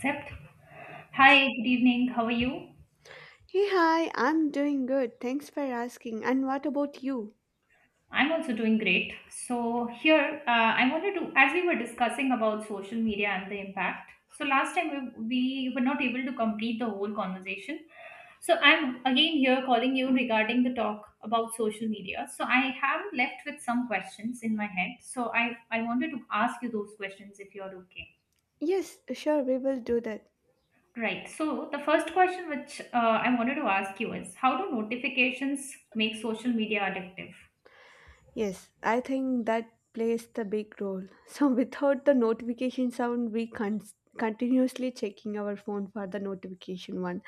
Except, hi, good evening. How are you? Hey, hi, I'm doing good. Thanks for asking. And what about you? I'm also doing great. So here, I wanted to, as we were discussing about social media and the impact. So last time we were not able to complete the whole conversation. So I'm again here calling you regarding the talk about social media. So I have left with some questions in my head. So I wanted to ask you those questions if you're okay. Yes, sure, we will do that. Right. So the first question which I wanted to ask you is, how do notifications make social media addictive? Yes, I think that plays the big role. So, without the notification sound, we continuously checking our phone for the notification one.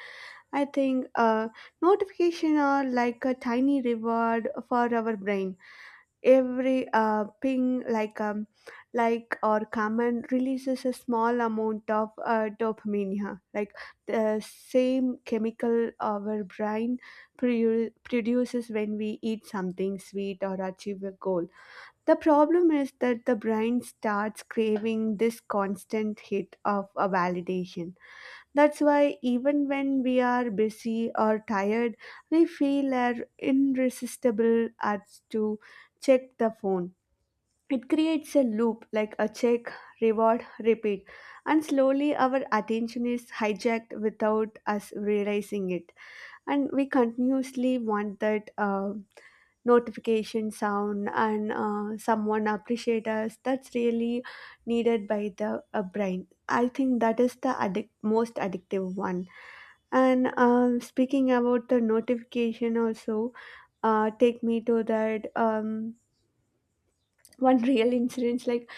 I think notification are like a tiny reward for our brain. Every ping, like or comment releases a small amount of dopamine, yeah. Like the same chemical our brain produces when we eat something sweet or achieve a goal. The problem is that the brain starts craving this constant hit of a validation. That's why even when we are busy or tired, we feel are irresistible urge to check the phone. It creates a loop like a check, reward, repeat, and slowly our attention is hijacked without us realizing it. And we continuously want that notification sound and someone appreciate us. That's really needed by the brain. I think that is the most addictive one. And speaking about the notification also take me to that one real incident. Like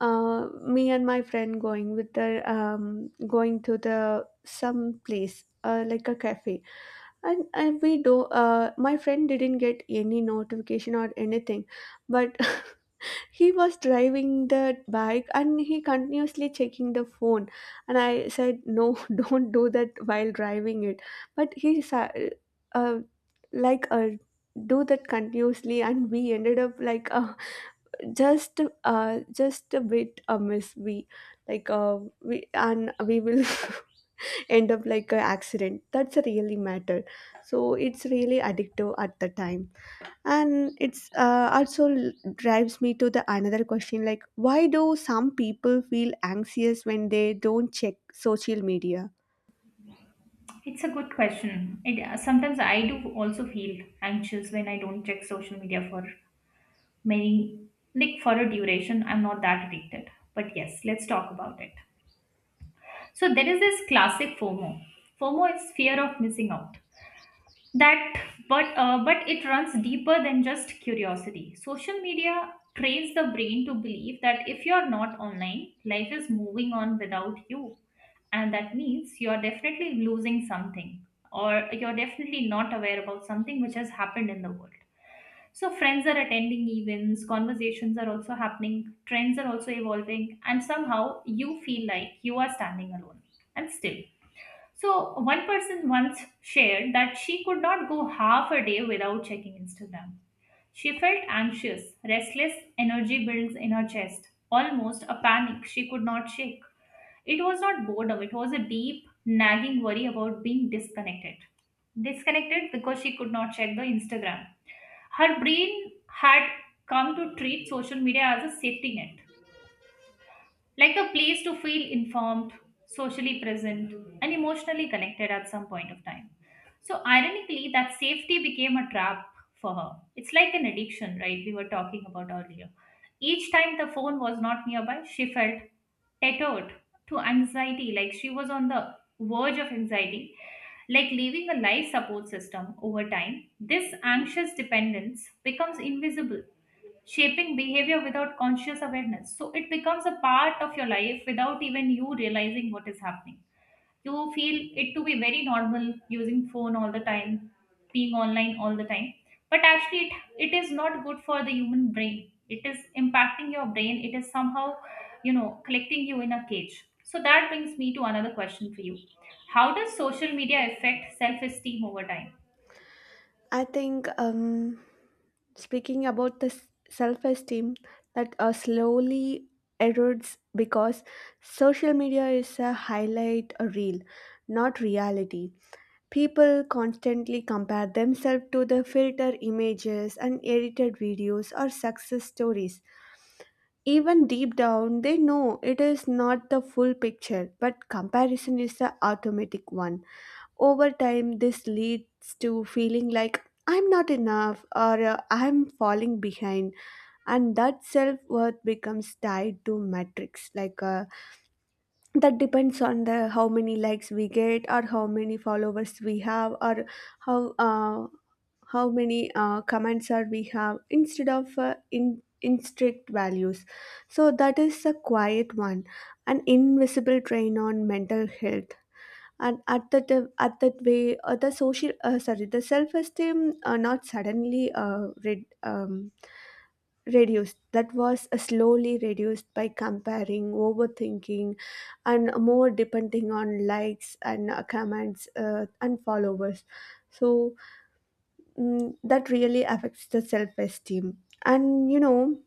me and my friend going with the going to the some place like a cafe. And we do my friend didn't get any notification or anything, but he was driving the bike and he continuously checking the phone. And I said no, don't do that while driving it. But uh, like uh, do that continuously, and we ended up like just a bit amiss. We like we and we will end up like an accident. That's a really matter. So it's really addictive at the time. And it's also drives me to the another question, like why do some people feel anxious when they don't check social media? It's a good question. It, sometimes I do also feel anxious when I don't check social media for many, like for a duration. I'm not that addicted. But yes, let's talk about it. So there is this classic FOMO. FOMO is fear of missing out. That but uh, but it runs deeper than just curiosity. Social media trains the brain to believe that if you're not online, life is moving on without you, and that means you're definitely losing something, or you're definitely not aware about something which has happened in the world. So friends are attending events, conversations are also happening, trends are also evolving, and somehow you feel like you are standing alone and still. So one person once shared that she could not go half a day without checking Instagram. She felt anxious, restless energy builds in her chest, almost a panic she could not shake. It was not boredom, it was a deep, nagging worry about being disconnected. Disconnected because she could not check the Instagram. Her brain had come to treat social media as a safety net, like a place to feel informed, socially present, and emotionally connected at some point of time. So, ironically, that safety became a trap for her. It's like an addiction, right? We were talking about earlier. Each time the phone was not nearby, she felt tethered to anxiety, like she was on the verge of anxiety, like leaving a life support system. Over time, this anxious dependence becomes invisible, shaping behavior without conscious awareness. So it becomes a part of your life without even you realizing what is happening. You feel it to be very normal, using phone all the time, being online all the time. But actually, it is not good for the human brain. It is impacting your brain. It is somehow, you know, collecting you in a cage. So that brings me to another question for you. How does social media affect self esteem over time? I think speaking about the self esteem, that slowly erodes because social media is a highlight reel, not reality. People constantly compare themselves to the filter images and edited videos or success stories. Even deep down, they know it is not the full picture, but comparison is the automatic one. Over time, this leads to feeling like I'm not enough or I'm falling behind, and that self worth becomes tied to metrics, like that depends on the how many likes we get or how many followers we have or how how many comments are we have, instead of in instinct values. So that is a quiet one, an invisible drain on mental health. And at that way the social sorry the self esteem not suddenly reduced, that was slowly reduced by comparing, overthinking and more depending on likes and comments and followers. So, mm, that really affects the self esteem. And you know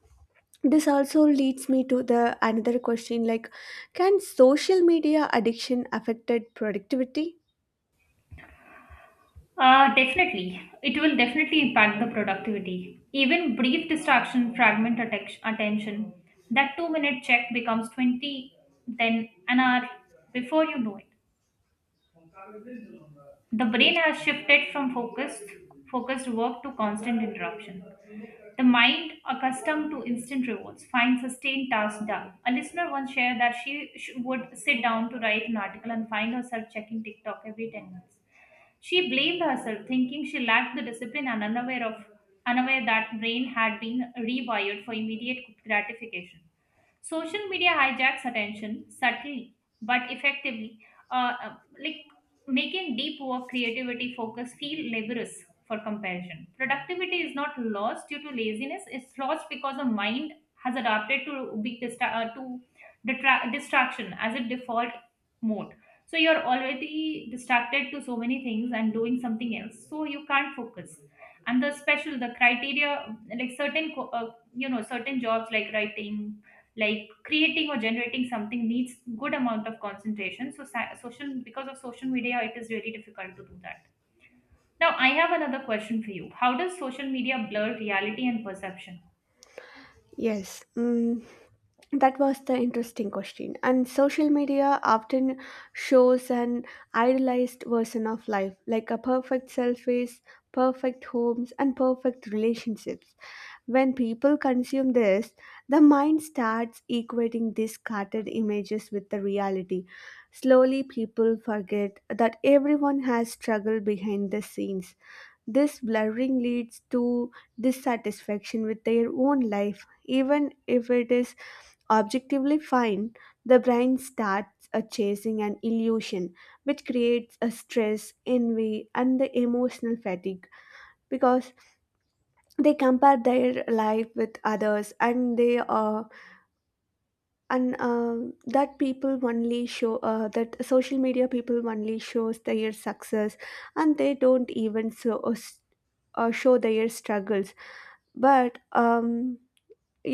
this also leads me to the another question, like can social media addiction affected productivity? Definitely. It will definitely impact the productivity. Even brief distraction fragment attention. That 2 minute check becomes 20, then an hour before you know it. The brain has shifted from focused work to constant interruption. The mind, accustomed to instant rewards, finds sustained tasks dull. A listener once shared that she would sit down to write an article and find herself checking TikTok every 10 minutes. She blamed herself, thinking she lacked the discipline and unaware of, unaware that brain had been rewired for immediate gratification. Social media hijacks attention subtly but effectively, uh, uh, like making deep work, creativity, focus feel laborious for comparison. Productivity is not lost due to laziness; it's lost because the mind has adapted to big distra- to detra- distraction as a default mode. So you're already distracted to so many things and doing something else, so you can't focus. And the special, the criteria, like certain you know, certain jobs like writing, like creating or generating something needs good amount of concentration. So social, because of social media, it is really difficult to do that. Now I have another question for you. How does social media blur reality and perception? Yes, mm, that was the interesting question. And social media often shows an idealized version of life, like a perfect selfies, perfect homes, and perfect relationships. When people consume this, the mind starts equating these scattered images with the reality. Slowly, people forget that everyone has struggled behind the scenes. This blurring leads to dissatisfaction with their own life. Even if it is objectively fine, the brain starts chasing an illusion, which creates a stress, envy, and the emotional fatigue, because they compare their life with others. And they are, and that people only show that social media people only shows their success, and they don't even so show their struggles. But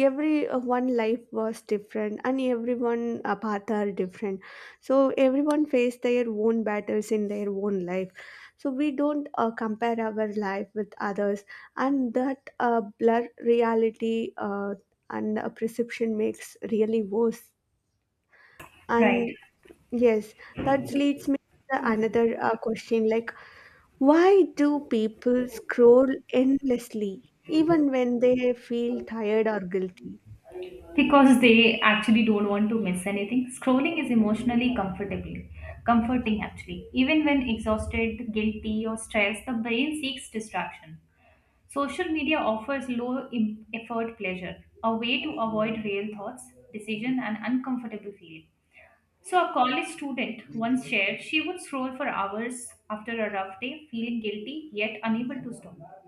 every one life was different and everyone a path are different. So everyone faced their own battles in their own life, so we don't compare our life with others. And that blur reality and perception makes really worse. Right. And yes, that leads me to another question, like why do people scroll endlessly even when they feel tired or guilty? Because they actually don't want to miss anything. Scrolling is emotionally comfortable, comforting actually. Even when exhausted, guilty or stressed, the brain seeks distraction. Social media offers effort pleasure, a way to avoid real thoughts, decision and uncomfortable feeling. So a college student once shared she would scroll for hours after a rough day, feeling guilty yet unable to stop.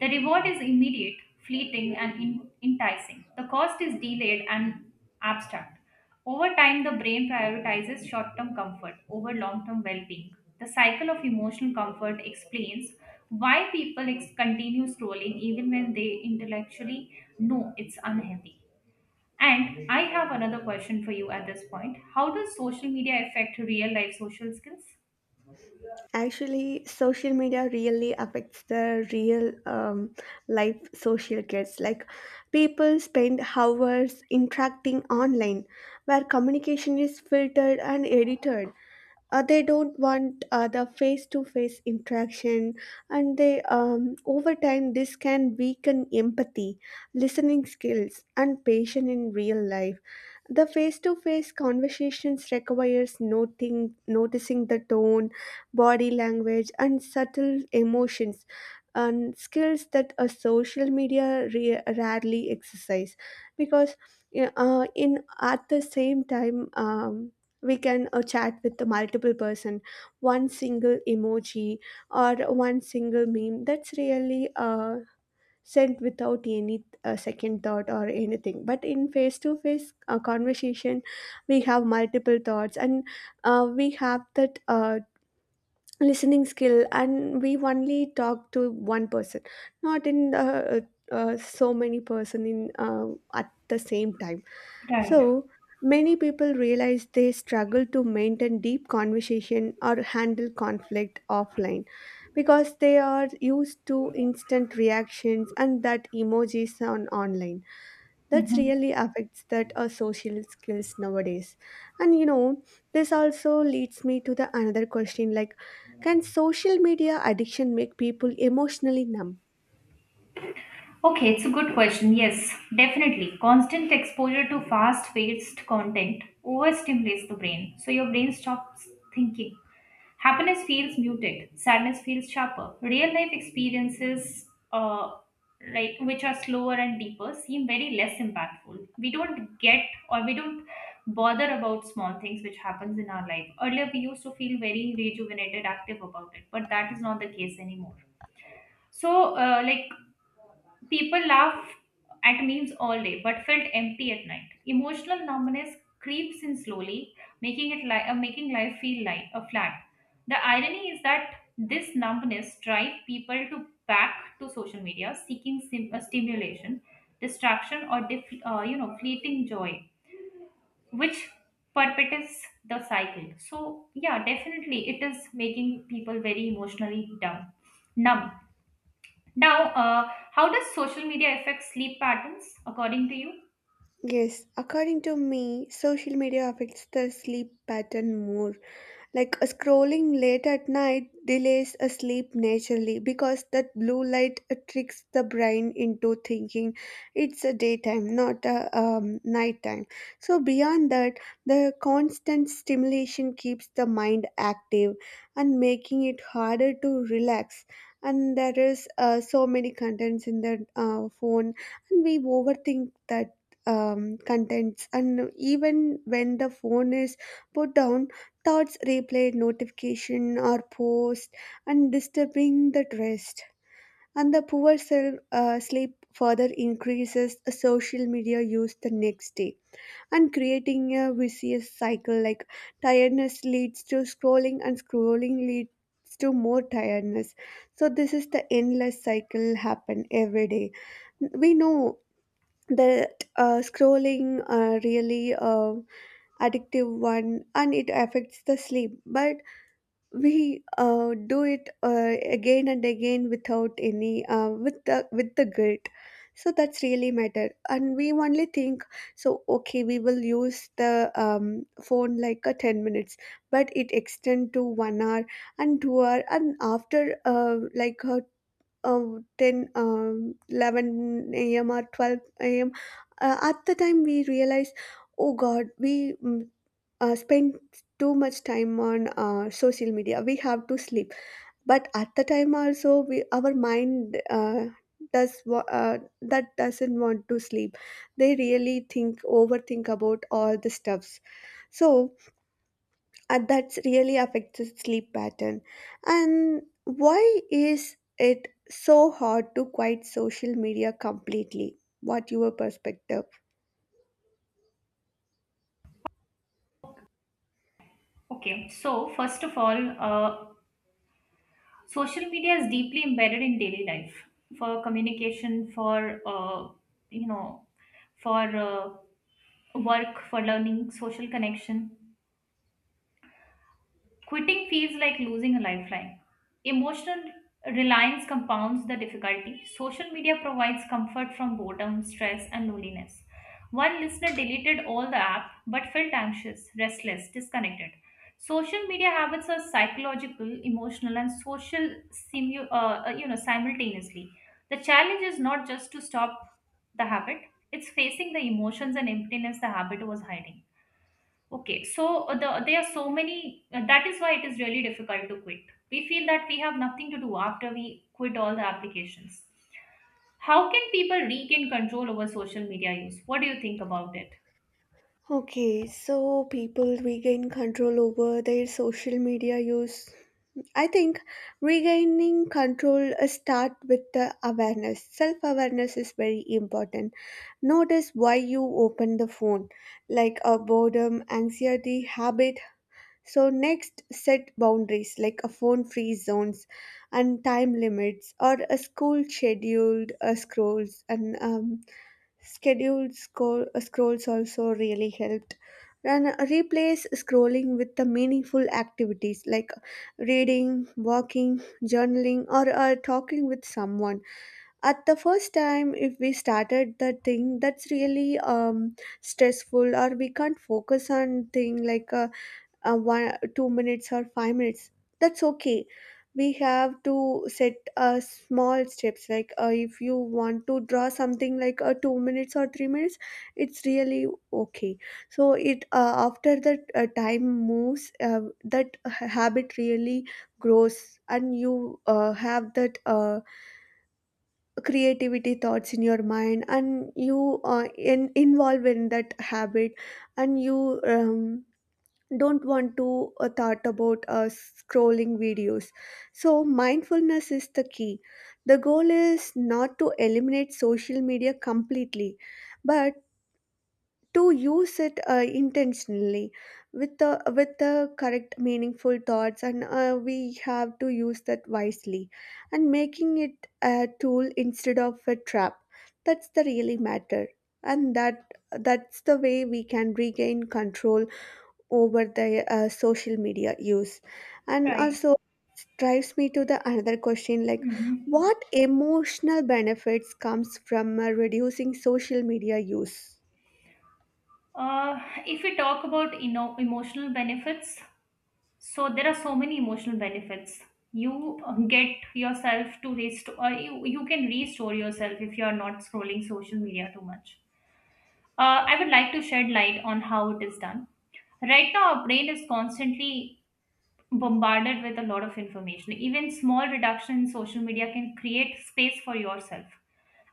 The reward is immediate, fleeting, and enticing. The cost is delayed and abstract. Over time, the brain prioritizes short term comfort over long term well being. The cycle of emotional comfort explains why people continue scrolling even when they intellectually know it's unhealthy. And I have another question for you at this point. How does social media affect real life social skills? Actually, social media really affects the real life social kids. Like, people spend hours interacting online where communication is filtered and edited. They don't want the face-to-face interaction. And they, over time, this can weaken empathy, listening skills and patience in real life. The face to face conversations requires noticing the tone, body language, and subtle emotions, and skills that a social media rarely exercise. Because yeah, in at the same time, we can chat with the multiple person. One single emoji or one single meme, that's really sent without any second thought or anything. But in face to face conversation, we have multiple thoughts, and we have that listening skill and we only talk to one person, not in so many person in at the same time. Right. So, many people realize they struggle to maintain deep conversation or handle conflict offline, because they are used to instant reactions and that emojis on online. That really affects that our social skills nowadays. And you know this also leads me to the another question, like can social media addiction make people emotionally numb? Okay, it's a good question. Yes, definitely. Constant exposure to fast paced content overstimulates the brain, so your brain stops thinking. Happiness feels muted, sadness feels sharper. Real life experiences, uh, like which are slower and deeper, seem very less impactful. We don't get, or we don't bother about small things which happens in our life. Earlier, we used to feel very rejuvenated, active about it, but that is not the case anymore. So, people laugh at memes all day but felt empty at night. Emotional numbness creeps in slowly, making it making life feel light, flat. The irony is that this numbness drives people to back to social media, seeking stimulation, distraction, or you know, fleeting joy, which perpetuates the cycle. So yeah, definitely it is making people very emotionally dumb, numb. Now, how does social media affect sleep patterns according to you? Yes, according to me, social media affects the sleep pattern more. Like scrolling late at night delays a sleep naturally, because that blue light tricks the brain into thinking it's a daytime, not a nighttime. So, beyond that, the constant stimulation keeps the mind active and making it harder to relax. And there is so many contents in the phone, and we overthink that contents. And even when the phone is put down, thoughts replayed notification or post and disturbing that rest. And the poor self sleep further increases social media use the next day, and creating a vicious cycle, like tiredness leads to scrolling and scrolling leads to more tiredness. So this is the endless cycle happen every day. We know that scrolling really addictive one, and it affects the sleep, but we do it again and again without any with the guilt. So that's really matter. And we only think, so okay, we will use the phone like a 10 minutes, but it extend to 1 hour and 2 hour. And after 10, 11 a.m or 12 a.m, at the time we realize, oh god we, mm, spend too much time on social media, we have to sleep. But at the time also we, our mind, that doesn't want to sleep. They really think, overthink about all the stuffs. So, and that really affects the sleep pattern. And why is it so hard to quit social media completely? What your perspective? Okay, so first of all, social media is deeply embedded in daily life for communication, for you know, for work, for learning, social connection. Quitting feels like losing a lifeline. Emotional reliance compounds the difficulty. Social media provides comfort from boredom, stress, and loneliness. One listener deleted all the app but felt anxious, restless, disconnected. Social media habits are psychological, emotional, and social you know, simultaneously. The challenge is not just to stop the habit, it's facing the emotions and emptiness the habit was hiding. Okay, so there are so many, that is why it is really difficult to quit. We feel that we have nothing to do after we quit all the applications. How can people regain control over social media use? What do you think about it? Okay, so people regain control over their social media use, I think regaining control start with the awareness. Self awareness is very important. Notice why you open the phone, like a boredom, anxiety, habit. So next, set boundaries like a phone-free zones and time limits, or a school scheduled scrolls. And scrolls also really helped. And replace scrolling with the meaningful activities, like reading, walking, journaling, or talking with someone. At the first time, if we started the thing, that's really stressful, or we can't focus on thing like 1 2 minutes or 5 minutes, that's okay. We have to set small steps, like if you want to draw something like 2 minutes or 3 minutes, it's really okay. So it after that time moves that habit really grows and you have that creativity thoughts in your mind, and you involve in that habit. And you don't want to thought about scrolling videos. So mindfulness is the key. The goal is not to eliminate social media completely, but to use it intentionally with the correct meaningful thoughts, and we have to use that wisely, and making it a tool instead of a trap. That's the really matter. And that, that's the way we can regain control over the social media use. And Right. also drives me to the another question, like Mm-hmm. what emotional benefits comes from reducing social media use? If we talk about emotional benefits, so there are so many emotional benefits. You get yourself to rest, or you can restore yourself if you are not scrolling social media too much. I would like to shed light on how it is done. Right now, our brain is constantly bombarded with a lot of information. Even small reduction in social media can create space for yourself.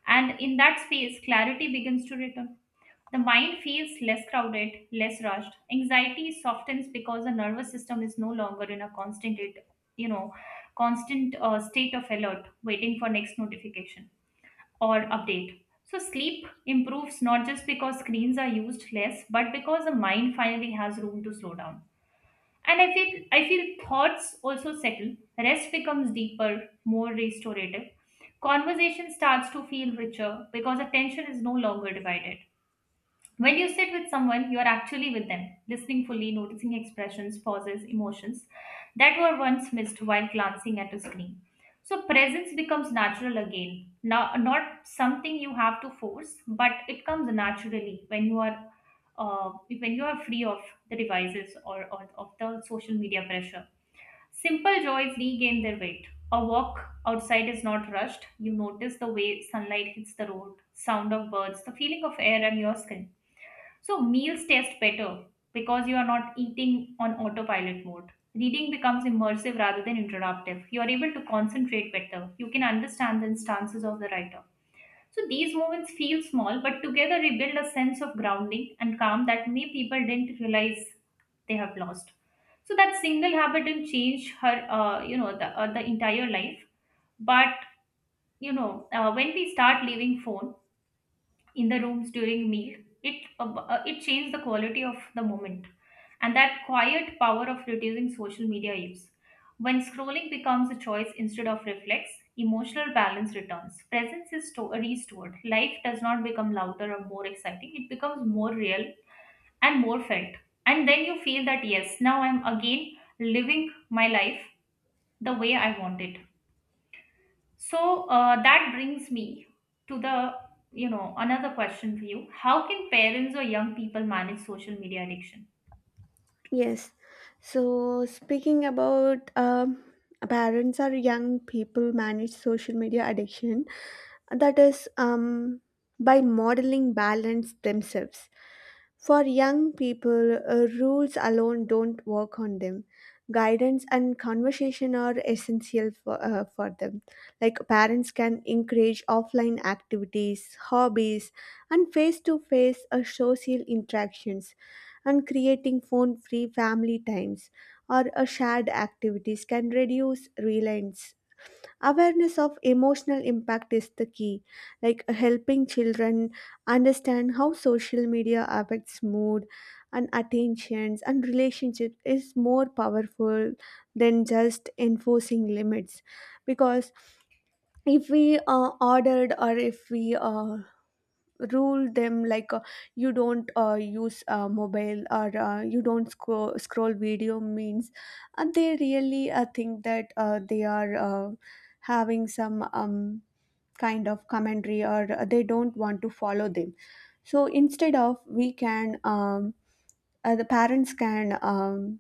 And in that space, clarity begins to return. The mind feels less crowded, less rushed. Anxiety softens because the nervous system is no longer in a you know, constant state of alert, waiting for next notification or update. So, sleep improves not just because screens are used less, but because the mind finally has room to slow down. And I feel thoughts also settle, rest becomes deeper, more restorative. Conversation starts to feel richer because attention is no longer divided. When you sit with someone, you are actually with them, listening fully, noticing expressions, pauses, emotions that were once missed while glancing at a screen. So, presence becomes natural again. Now, not something you have to force, but it comes naturally when you are uh, free of the devices, or of the social media pressure. Simple joys regain their weight. A walk outside is not rushed. You notice the way sunlight hits the road, sound of birds, the feeling of air on your skin. So meals taste better because you are not eating on autopilot mode. Reading becomes immersive rather than interruptive. You are able to concentrate better. You can understand the instances of the writer. So these moments feel small, but together we build a sense of grounding and calm that many people didn't realize they have lost. So that single habit didn't change her, the entire life. But you know, when we start leaving phone in the rooms during meal, it it changed the quality of the moment. And that quiet power of reducing social media use, when scrolling becomes a choice instead of reflex, emotional balance returns, presence is restored. Life does not become louder or more exciting, it becomes more real and more felt. And then you feel that yes, now I'm again living my life the way I want it. So that brings me to the, you know, another question for you. How can parents or young people manage social media addiction? Yes, so speaking about parents or young people manage social media addiction, that is by modeling balance themselves. For young people, rules alone don't work on them. Guidance and conversation are essential for them. Like parents can encourage offline activities, hobbies, and face to face social interactions, and creating phone free family times or a shared activities can reduce reliance. Awareness of emotional impact is the key, like helping children understand how social media affects mood and attentions and relationships is more powerful than just enforcing limits. Because if we ordered or if we rule them like you don't use mobile, or you don't scroll video means, they really think that they are having some kind of commentary, or they don't want to follow them. So instead of, we can the parents can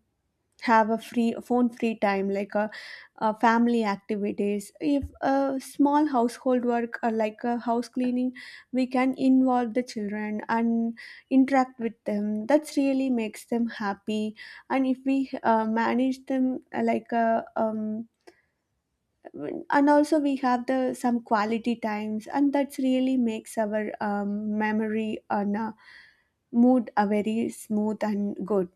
have a free phone free time, like a family activities, if a small household work or like a house cleaning, we can involve the children and interact with them, that's really makes them happy. And if we manage them like a and also we have the some quality times, and that's really makes our memory and mood a very smooth and good.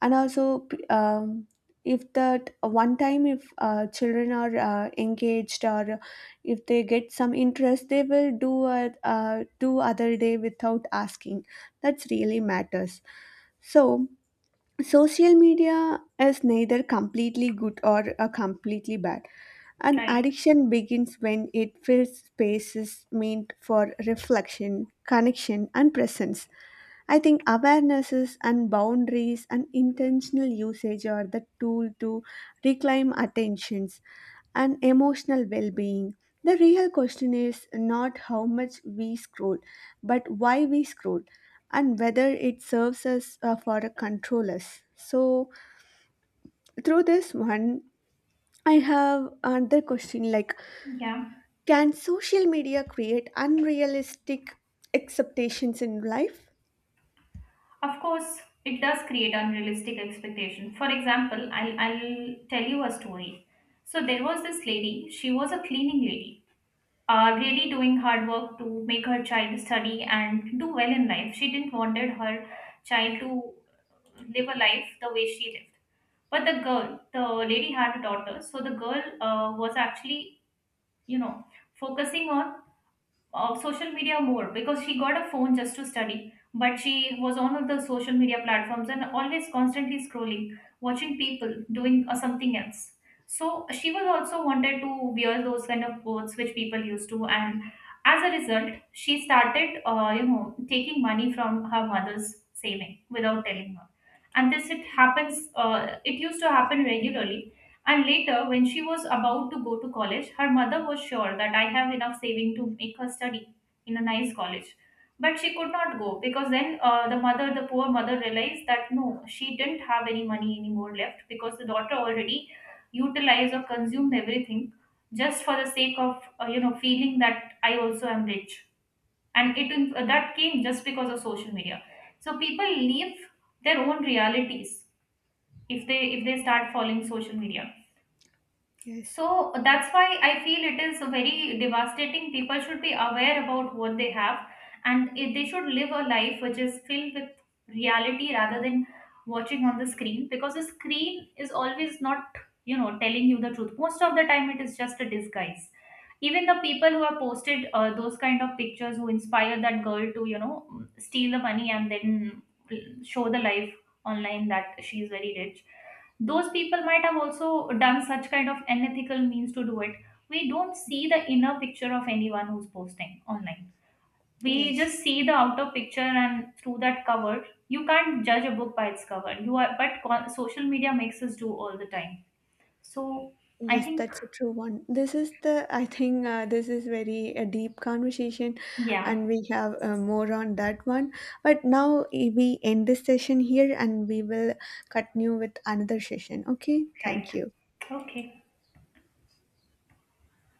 And also if that one time, if children are engaged, or if they get some interest, they will do a, do other day without asking, that's really matters. So social media is neither completely good or completely bad. An Right. addiction begins when it fills spaces meant for reflection, connection and presence. I think awarenesses and boundaries and intentional usage are the tool to reclaim attentions and emotional well-being. The real question is not how much we scroll, but why we scroll, and whether it serves us for a control us. So through this one, I have another question, like Yeah. can social media create unrealistic expectations in life? Of course, it does create unrealistic expectation. For example, I'll tell you a story. So there was this lady, she was a cleaning lady, really doing hard work to make her child study and do well in life. She didn't wanted her child to live a life the way she lived. But the girl, the lady had a daughter, so the girl was actually, you know, focusing on of social media more because she got a phone just to study, but she was on of the social media platforms and always constantly scrolling, watching people doing something else. So she was also wanted to wear those kind of clothes which people used to, and as a result she started, you know, taking money from her mother's saving without telling her, and this, it happens, it used to happen regularly. And later, when she was about to go to college, her mother was sure that I have enough saving to make her study in a nice college. But she could not go because then the poor mother realized that no, she didn't have any money anymore left, because the daughter already utilized or consumed everything just for the sake of, you know, feeling that I also am rich. And it, that came just because of social media. So people leave their own realities if they start following social media, Yes. so that's why I feel it is very devastating. People should be aware about what they have, and if they should live a life which is filled with reality rather than watching on the screen, because the screen is always not, you know, telling you the truth. Most of the time, it is just a disguise. Even the people who have posted those kind of pictures who inspire that girl to, you know, steal the money and then show the life online that she is very rich, those people might have also done such kind of unethical means to do it. We don't see the inner picture of anyone who's posting online, we Yes. just see the outer picture, and through that cover, you can't judge a book by its cover, you are, but social media makes us do all the time. So I Yes, think, that's a true one. This is the, I think this is very a deep conversation, yeah. and we have more on that one. But now, eh, we end this session here, and we will continue with another session. Okay, Right. thank you. Okay.